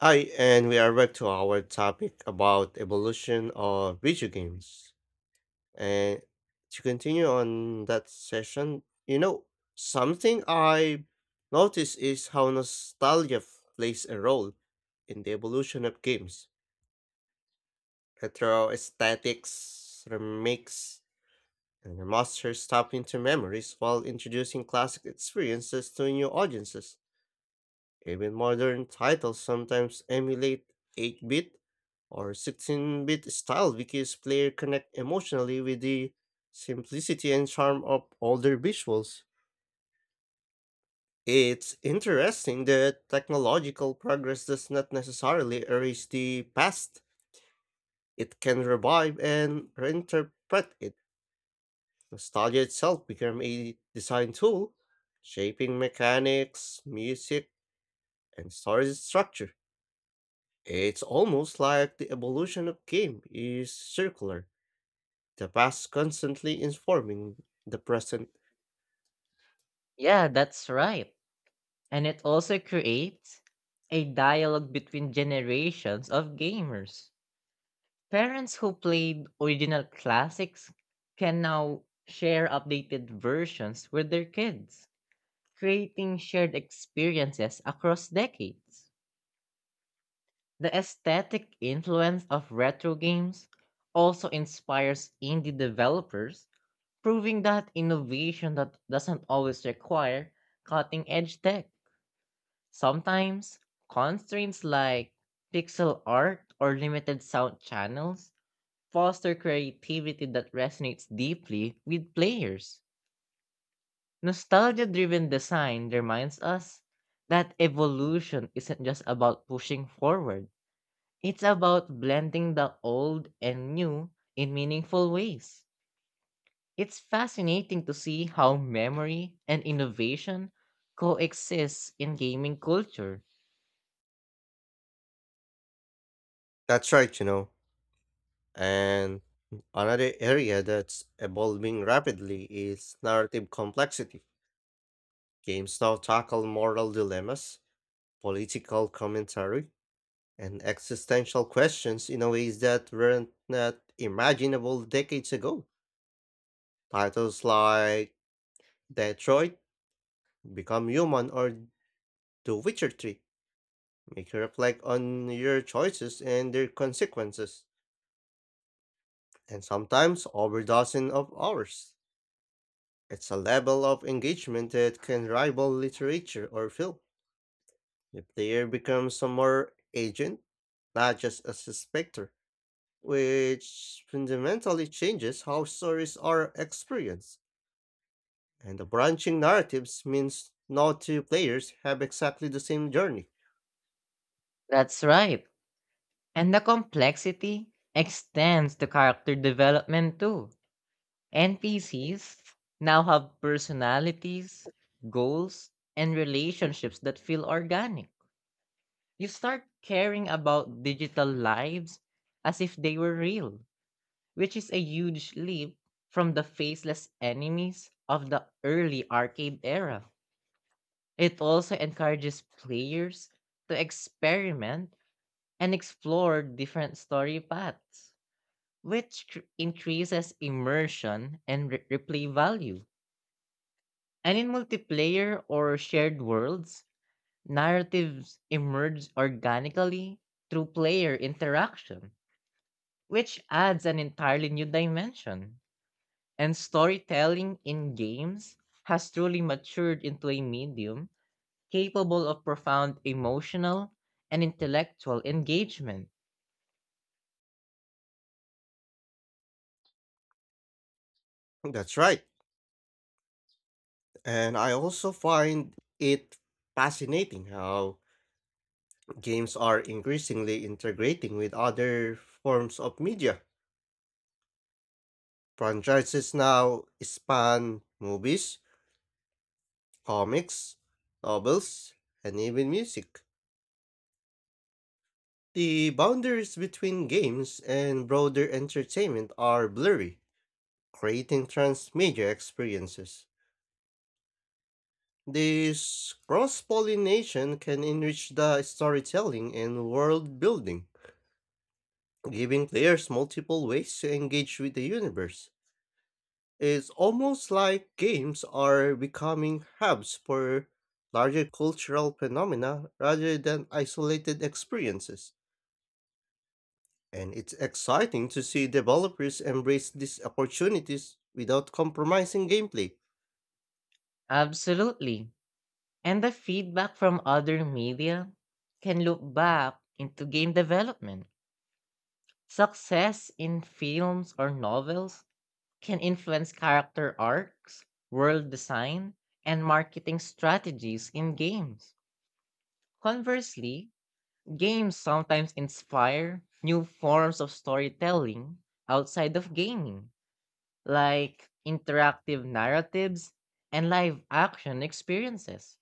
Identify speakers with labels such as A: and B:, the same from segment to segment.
A: Hi, and we are back to our topic about evolution of video games. And to continue on that session, something I notice is how plays a role in the evolution of games. Retro aesthetics, remakes, and remasters tap into memories while introducing classic experiences to new audiences. Even modern titles sometimes emulate 8-bit or 16-bit style because players connect emotionally with the simplicity and charm of older visuals. It's interesting that technological progress does not necessarily erase the past. It can revive and reinterpret it. Nostalgia itself became a design tool, shaping mechanics, music, and story structure. It's almost like the evolution of game is circular. The past constantly informing the present.
B: Creates a dial between generated original classics can now share updated versions with their kids, creating shared experiences across decades. The aesthetic influence of retro games also inspires indie developers, proving that innovation that doesn't always require cutting edge tech. Sometimes constraints like pixel art or limited sound channels foster creativity that resonates deeply with players. Nostalgia driven design reminds us that evolution isn't just about pushing forward, it's about blending the old and new in meaningful ways. It's fascinating to see how memory and innovation coexist in gaming culture.
A: That's right, And another area that's evolving rapidly is narrative complexity. Games now tackle moral dilemmas, political commentary, and existential questions in a ways that weren't not imaginable decades ago. Titles like Detroit, Become Human, or The Witcher 3 make you reflect on your choices and their consequences. And sometimes over dozen of hours. It's a level of engagement that can rival literature or film. The player becomes a more agent, not just a spectator, which fundamentally changes how stories are experienced. And the branching narratives means no two players have exactly the same journey.
B: That's right. And the complexity extends to character development too. NPCs now have personalities, goals, and relationships that feel organic. You start caring about digital lives as if they were real, which is a huge leap from the faceless enemies of the early arcade era. It also encourages players to experiment and explore different story paths, which increases immersion and replay value. And in multiplayer or shared worlds, narratives emerge organically through player interaction, which adds an entirely new dimension. And storytelling in games has truly matured into a medium capable of profound emotional and intellectual engagement.
A: That's right. And I also find it fascinating how games are increasingly integrating with other forms of media. Franchises now span movies, comics, novels, and even music. The boundaries between games and broader entertainment are blurry, creating transmedia experiences. This cross pollination can enrich the storytelling and world building, giving players multiple ways to engage with the universe. It's almost like games are becoming hubs for larger cultural phenomena rather than isolated experiences. And it's exciting to see developers embrace these opportunities without compromising gameplay.
B: Absolutely. And the feedback from other media can loop back into game development. Success in films or novels can influence character arcs, world design, and marketing strategies in games. Conversely, games sometimes inspire new forms of storytelling outside of gaming, like interactive narratives and live action experiences.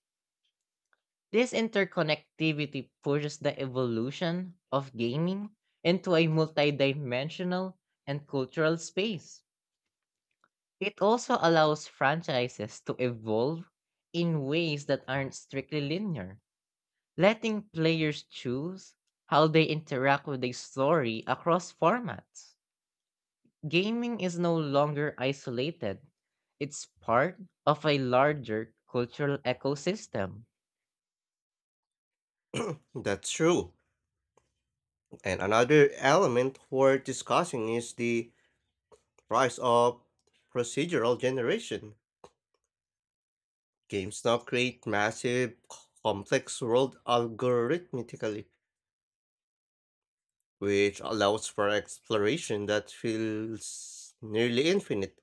B: This interconnectivity pushes the evolution of gaming into a multidimensional and cultural space. It also allows franchises to evolve in ways that aren't strictly linear, letting players choose how they interact with a story across formats. Gaming is no longer isolated, it's part of a larger cultural ecosystem.
A: That's true. And another element worth discussing is the rise of procedural generation. Games now create massive, complex world algorithmically, which allows for exploration that feels nearly infinite.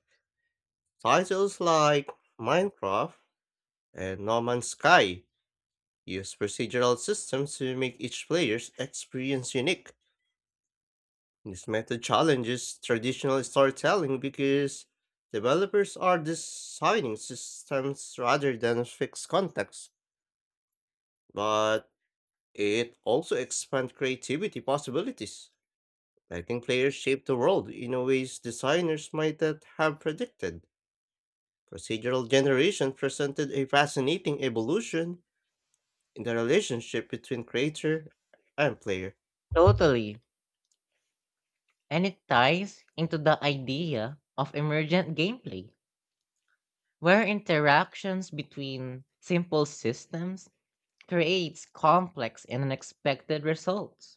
A: Titles like Minecraft and No Man's Sky use procedural systems to make each player's experience unique. This method challenges traditional storytelling because developers are designing systems rather than fixed contexts, but it also expands creativity possibilities. Letting players shape the world in a ways designers might not have predicted. Procedural generation presented a fascinating evolution in the relationship between creator and player.
B: Totally. And it ties into the idea of emergent gameplay, where interactions between simple systems creates complex and unexpected results.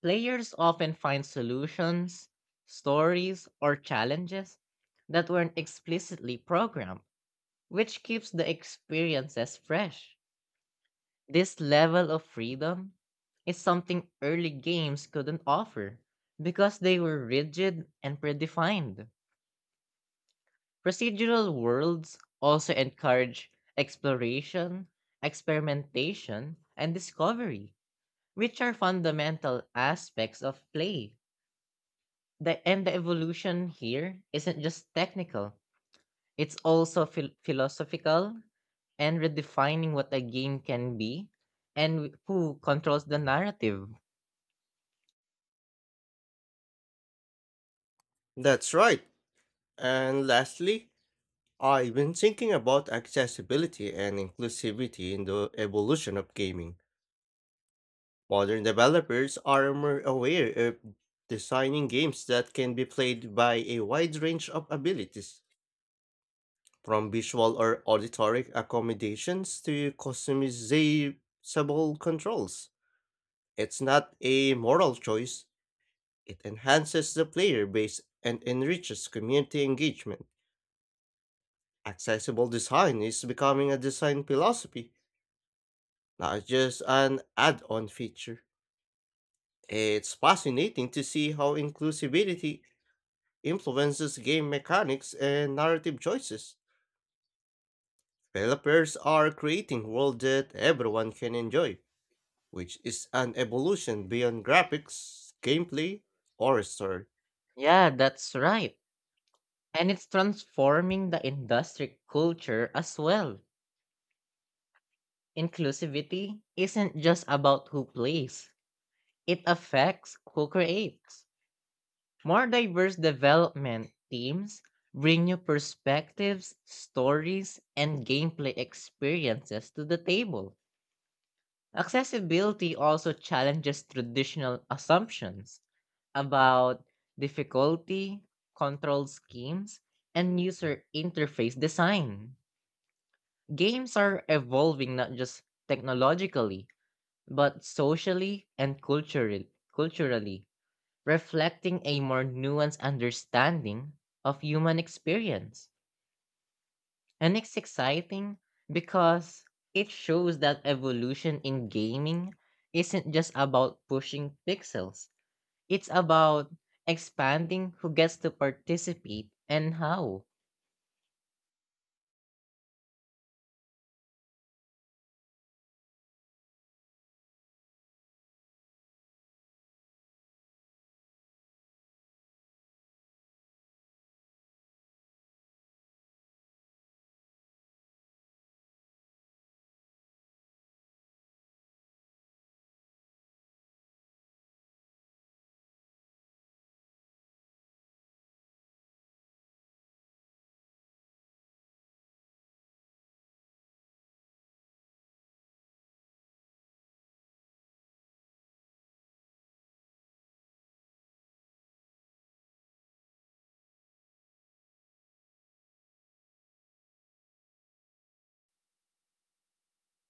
B: Players often find solutions, stories, or challenges that weren't explicitly programmed, which keeps the experiences fresh. This level of freedom is something early games couldn't offer because they were rigid and predefined. Procedural worlds also encourage exploration, experimentation, and discovery, which are fundamental aspects of play. And the evolution here isn't just technical, it's also philosophical and redefining what a game can be and who controls the narrative.
A: That's right. And lastly, I've been thinking about accessibility and inclusivity in the evolution of gaming. Modern developers are more aware of designing games that can be played by a wide range of abilities. From visual or auditory accommodations to customizable controls. It's not a moral choice, it enhances the player base and enriches community engagement. Accessible design is becoming a design philosophy, not just an add on feature. It's fascinating to see how inclusivity influences game mechanics and narrative choices. Developers are creating worlds that everyone can enjoy, which is an evolution beyond graphics, gameplay, or story.
B: Yeah, that's right. And it's transforming the industry culture as well. Inclusivity isn't just about who plays, it affects who creates. More diverse development teams bring new perspectives, stories, and gameplay experiences to the table. Accessibility also challenges traditional assumptions about difficulty, control schemes, and user interface design. Games are evolving not just technologically, but socially and culturally, reflecting a more nuanced understanding of human experience. And it's exciting because it shows that evolution in gaming isn't just about pushing pixels, it's about expanding who gets to participate and how.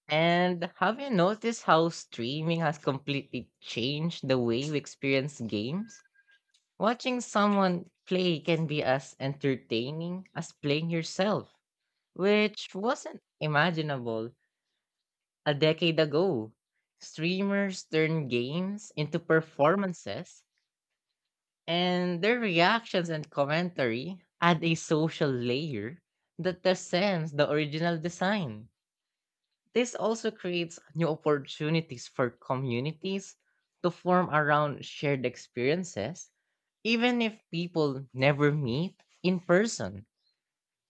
B: And have you noticed how streaming has completely changed the way we experience games? Watching someone play can be as entertaining as playing yourself, which wasn't imaginable a decade ago. Streamers turn games into performances, and their reactions and commentary add a social layer that transcends the original design. This also creates new opportunities for communities to form around shared experiences. Even if people never meet in person,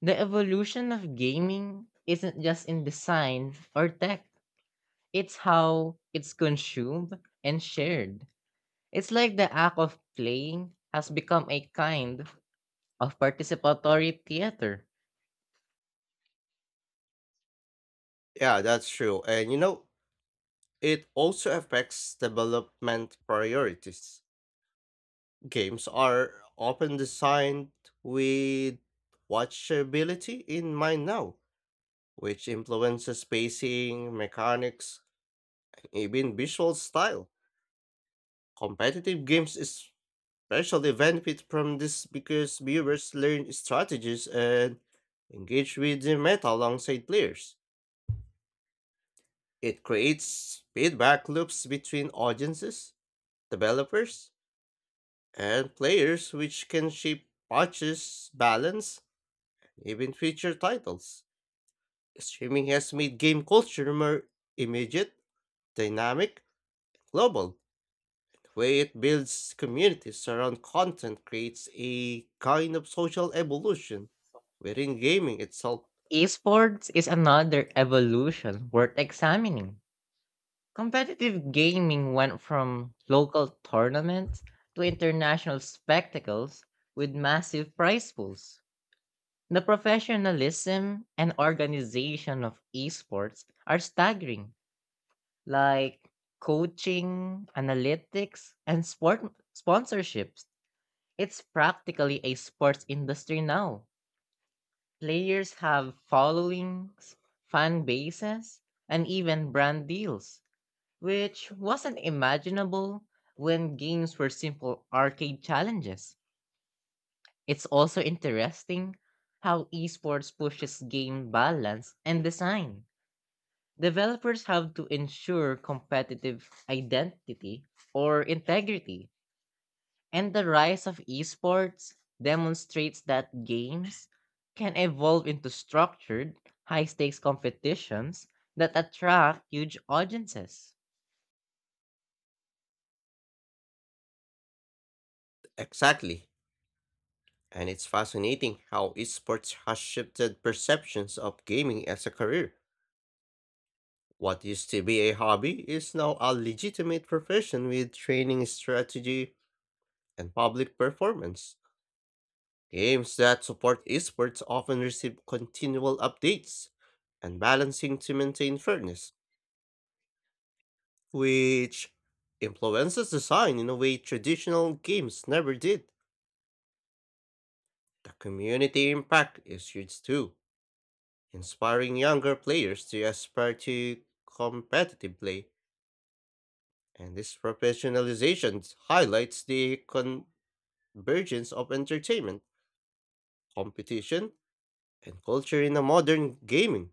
B: the evolution of gaming isn't just in design or tech, it's how it's consumed and shared. It's like the act of playing has become a kind of participatory theater.
A: Yeah, that's true. And it also affects development priorities. Games are often designed with watchability in mind now, which influences pacing, mechanics, even visual style. Competitive games especially benefit from this because viewers learn strategies and engage with the meta alongside players. It creates feedback loops between audiences, developers, and players, which can shape patches, balance, even future titles. Streaming has made game culture more immediate, dynamic, global way it builds communities around content creates a kind of social evolution within gaming itself.
B: Esports is another evolution worth examining. Competitive gaming went from local tournaments to international spectacles with massive prize pools. The professionalism and organization of esports are staggering, like coaching, analytics, and sport sponsorships. It's practically a sports industry now. Players have followings, fan bases, and even brand deals, which wasn't imaginable when games were simple arcade challenges. It's also interesting how esports pushes game balance and design. Developers have to ensure competitive identity or integrity, and the rise of esports demonstrates that games can evolve into structured, high stakes competitions that attract huge audiences.
A: Exactly. And it's fascinating how esports has shifted perceptions of gaming as a career. What used to be a hobby is now a legitimate profession with training strategy and public performance. Games that support esports often receive continual updates and balancing to maintain fairness. Which influences design in a way traditional games never did. The community impact is huge too, inspiring younger players to aspire to competitive play. And this professionalization highlights the convergence of entertainment, competition, and culture in a modern gaming.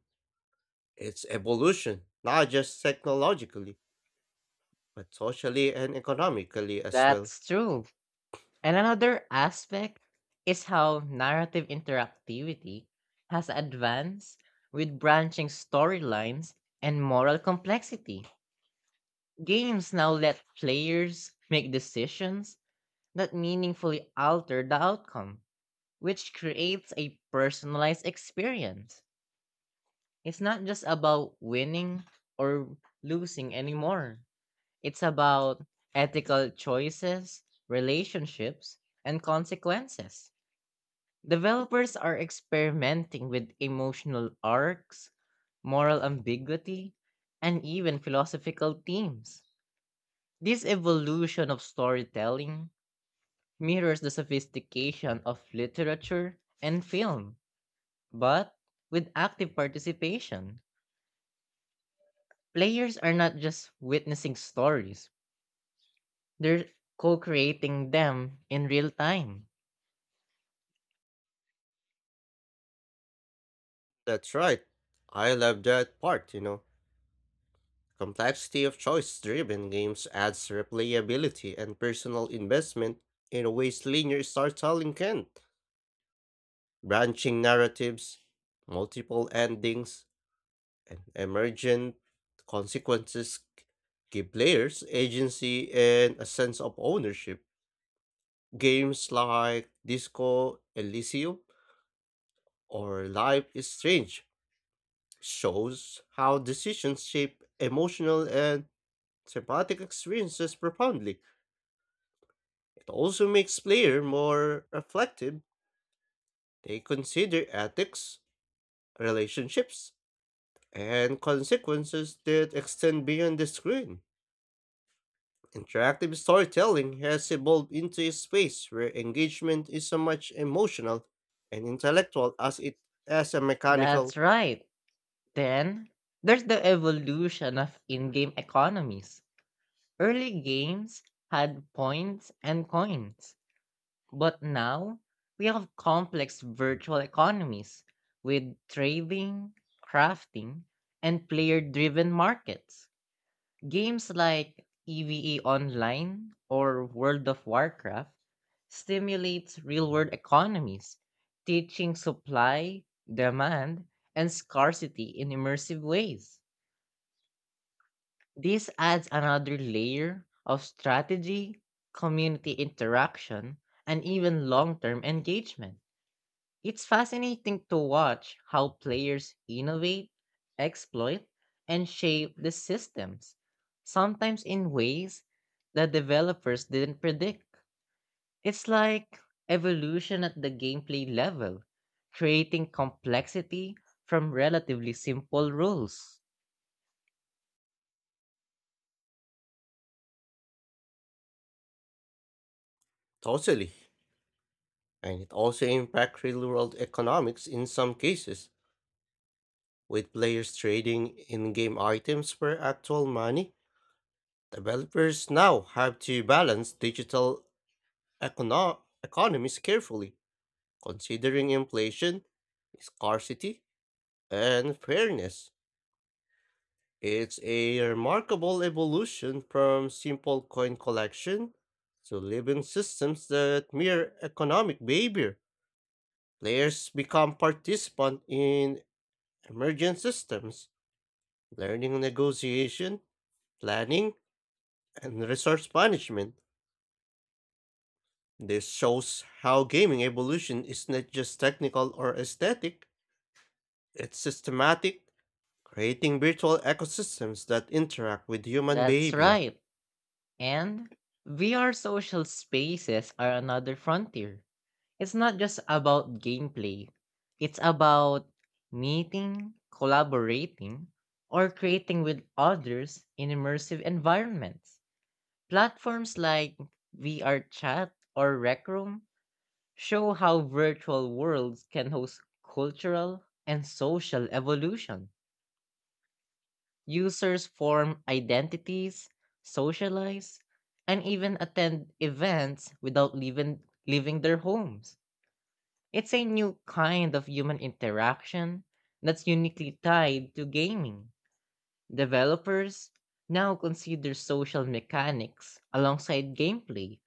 A: Its evolution, not just technologically, but socially and economically as well.
B: That's true. And another aspect is how narrative interactivity has advanced with branching storylines and moral complexity. Games now let players make decisions that meaningfully alter the outcome, which creates a personalized experience. It's not just about winning or losing anymore, it's about ethical choices, relationships, and consequences. Developers are experimenting with emotional arcs, moral ambiguity, and even philosophical themes. This evolution of storytelling mirrors the sophistication of literature and film, but with active participation. Players are not just witnessing stories, they're co creating them in real time.
A: That's right. I love that part, Complexity of choice-driven games adds replayability and personal investment in ways linear storytelling can't. Branching narratives, multiple endings, and emergent consequences give players agency and a sense of ownership. Games like Disco Elysium or Life is Strange shows how decisions shape emotional and thematic experiences profoundly. It also makes player more reflective. They consider ethics, relationships, and consequences that extend beyond the screen. Interactive storytelling has evolved into a space where engagement is so much emotional and intellectual as it as a
B: That's
A: mechanical
B: right. Then there's the evolution of in game economies. Early games had points and coins, but now we have complex virtual economies with trading, crafting, and player driven markets. Games like EVE Online or World of Warcraft stimulate real-world economies, teaching supply, demand, and scarcity in immersive ways. This adds another layer of strategy, community interaction, and even long-term engagement. It's fascinating to watch how players innovate, exploit, and shape the systems, sometimes in ways that developers didn't predict. It's like evolution at the gameplay level, creating complexity from relatively simple rules.
A: totally. And it also impacts real world economics in some cases, with players trading in game items for actual money. Developers now have to balance digital economies carefully, considering inflation, scarcity, and fairness. It's a remarkable evolution from simple coin collection to living systems that mirror economic behavior. Players become participants in emergent systems, learning negotiation, planning, and resource management. This shows how gaming evolution is not just technical or aesthetic, it's systematic, creating virtual ecosystems that interact with human
B: That's
A: behavior.
B: right. And VR social spaces are another frontier. It's not just about gameplay. It's about meeting, collaborating, or creating with others in immersive environments. Platforms like VR Chat or Rec Room show how virtual worlds can host cultural and social evolution. Users form identities, socialize, and even attend events without leaving their homes. It's a new kind of human interaction that's uniquely tied to gaming. Developers now consider social mechanics alongside gameplay,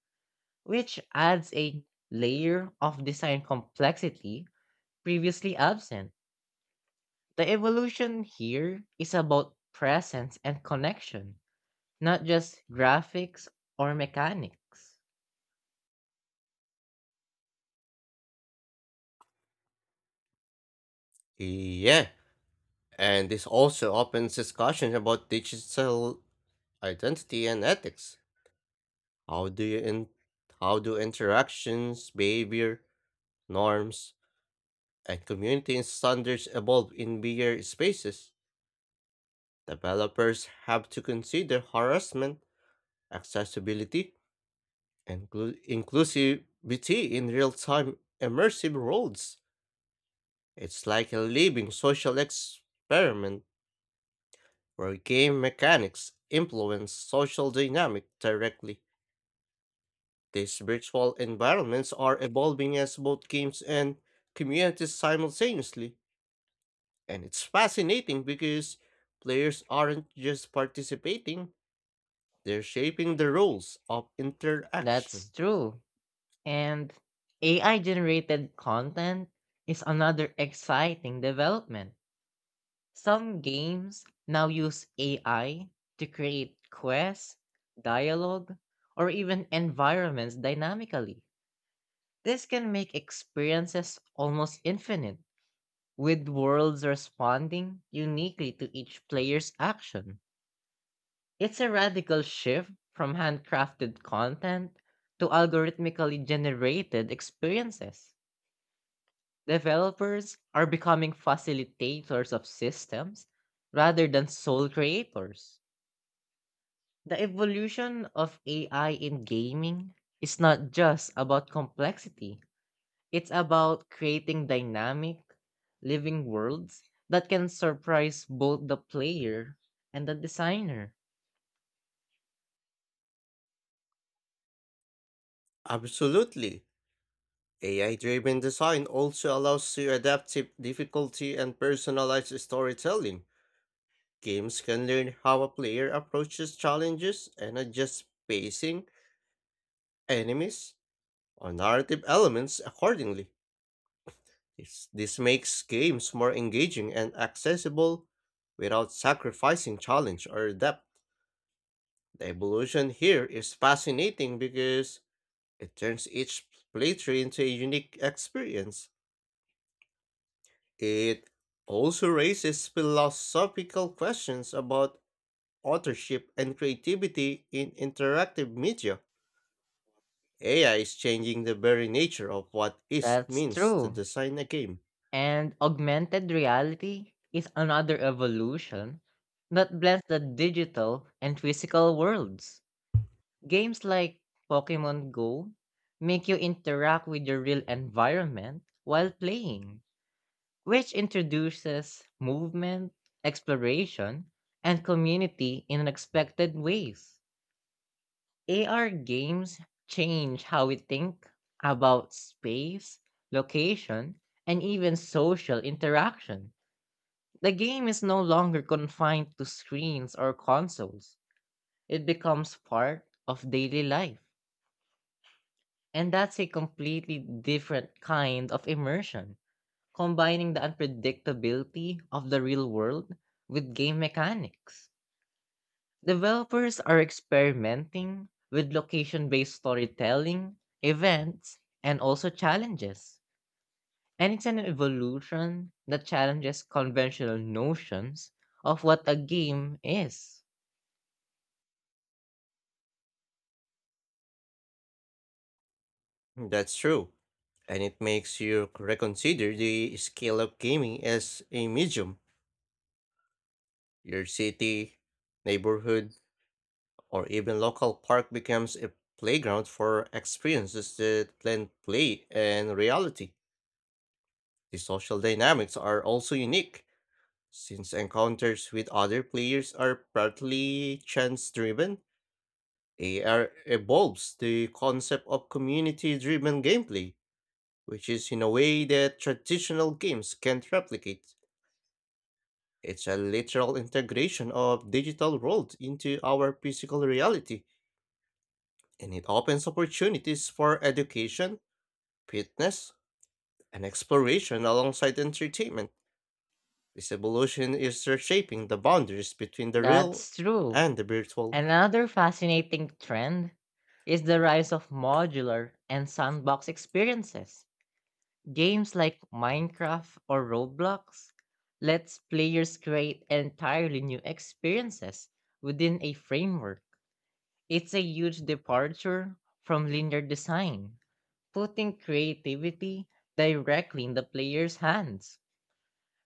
B: which adds a layer of design complexity previously absent. The evolution here is about presence and connection, not just graphics or mechanics.
A: Yeah, and this also opens discussion about digital identity and ethics. How do you in- how do interactions, behavior, norms, and community standards evolve in VR spaces? Developers have to consider harassment, accessibility, inclusivity in real-time immersive worlds. It's like a living social experiment where game mechanics influence social dynamic directly. These virtual environments are evolving as both games and communities simultaneously, and it's fascinating because players aren't just participating, they're shaping the rules of
B: That's
A: interaction.
B: true. And AI generated content is another exciting development. Some games now use AI to create quests, dialogue, or even environments dynamically. This can make experiences almost infinite, with worlds responding uniquely to each player's action. It's a radical shift from handcrafted content to algorithmically generated experiences. Developers are becoming facilitators of systems rather than sole creators. The evolution of AI in gaming is not just about complexity, it's about creating dynamic, living worlds that can surprise both the player and the designer.
A: Absolutely. AI driven design also allows you adaptive difficulty and personalized storytelling. Games can learn how a player approaches challenges and adjusts pacing, enemies, or narrative elements accordingly. This makes games more engaging and accessible without sacrificing challenge or depth. The evolution here is fascinating because it turns each playthrough into a unique experience. It also raises philosophical questions about authorship and creativity in interactive media. AI is changing the very nature of what it
B: That's
A: means to
B: true.
A: design a game.
B: And augmented reality is another evolution that blends the digital and physical worlds. Games like Pokemon Go make you interact with your real environment while playing, which introduces movement, exploration, and community in unexpected ways. AR games change how we think about space, location, and even social interaction. The game is no longer confined to screens or consoles. It becomes part of daily life. And that's a completely different kind of immersion, combining the unpredictability of the real world with game mechanics. Developers are experimenting with location based storytelling, events, and also challenges. And it's an evolution that challenges conventional notions of what a game is.
A: That's true. And it makes you reconsider the scale of gaming as a medium. Your city, neighborhood, or even local park becomes a playground for experiences that blend play and reality. The social dynamics are also unique, since encounters with other players are partly chance driven. AR evolves the concept of community driven gameplay, which is in a way that traditional games can't replicate. It's a literal integration of digital world into our physical reality, and it opens opportunities for education, fitness, and exploration alongside entertainment. This evolution is reshaping the boundaries between the real
B: That's true.
A: and the virtual.
B: Another fascinating trend is the rise of modular and sandbox experiences. Games like Minecraft or Roblox lets players create entirely new experiences within a framework. It's a huge departure from linear design, putting creativity directly in the player's hands.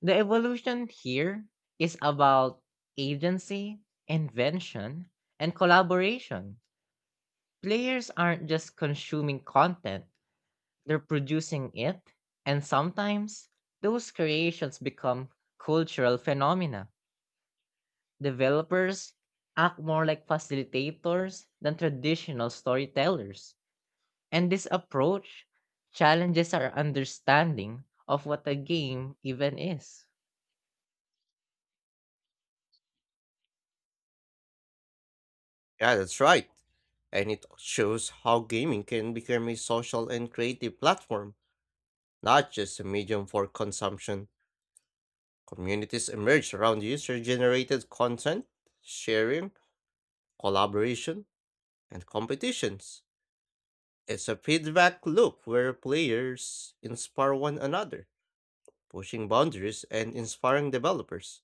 B: The evolution here is about agency, invention, and collaboration. Players aren't just consuming content, they're producing it, and sometimes those creations become cultural phenomena. Developers act more like facilitators than traditional storytellers, and this approach challenges our understanding of what a game even is.
A: Yeah, that's right. And it shows how gaming can become a social and creative platform, not just a medium for consumption. Communities emerge around user generated content, sharing, collaboration, and competitions. It's a feedback loop where players inspire one another, pushing boundaries and inspiring developers.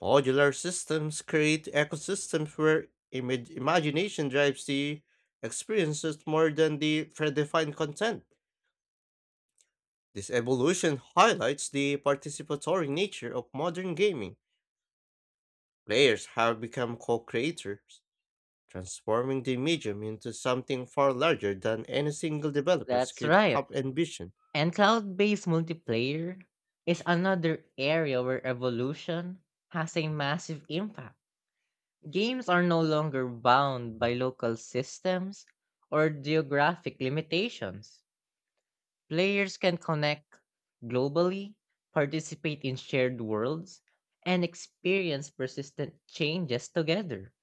A: Modular systems create ecosystems where imagination drives the experiences more than the predefined content. This evolution highlights the participatory nature of modern gaming. Players have become co creators, transforming the medium into something far larger than any single developer
B: That's
A: could
B: right.
A: have envisioned.
B: And cloud based multiplayer is another area where evolution has a massive impact. Games are no longer bound by local systems or geographic limitations. Players can connect globally, participate in shared worlds, and experience persistent changes together.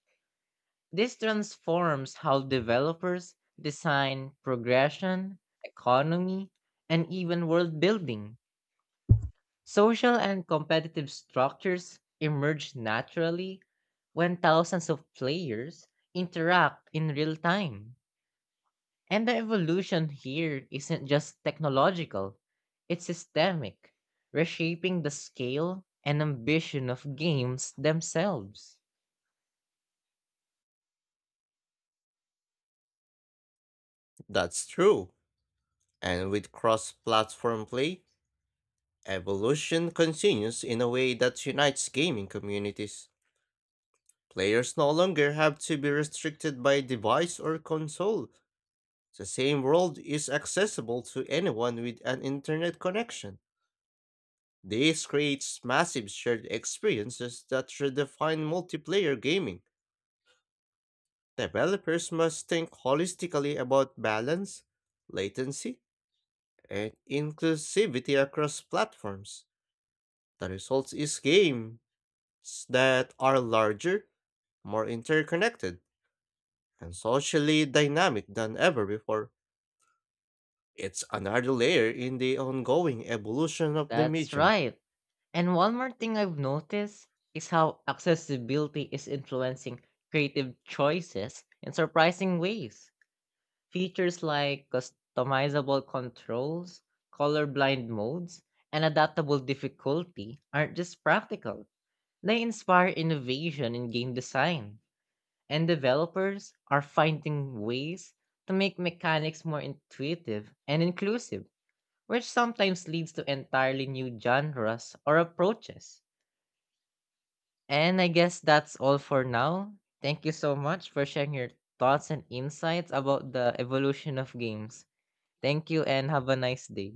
B: This transforms how developers design progression, economy, and even world building. Social and competitive structures emerge naturally when thousands of players interact in real time. And the evolution here isn't just technological, it's systemic, reshaping the scale and ambition of games themselves.
A: That's true. And with cross platform play, evolution continues in a way that unites gaming communities. Players no longer have to be restricted by device or console. The same world is accessible to anyone with an internet connection. This creates massive shared experiences that redefine multiplayer gaming. Developers must think holistically about balance, latency, and inclusivity across platforms. The result is games that are larger, more interconnected, and socially dynamic than ever before. It's another layer in the ongoing evolution of the
B: That's
A: medium.
B: right. And one more thing I've noticed is how accessibility is influencing creative choices in surprising ways. Features like customizable controls, colorblind modes, and adaptable difficulty aren't just practical. They inspire innovation in game design, and developers are finding ways to make mechanics more intuitive and inclusive, which sometimes leads to entirely new genres or approaches. And I guess that's all for now. Thank you so much for sharing your thoughts and insights about the evolution of games. Thank you and have a nice day.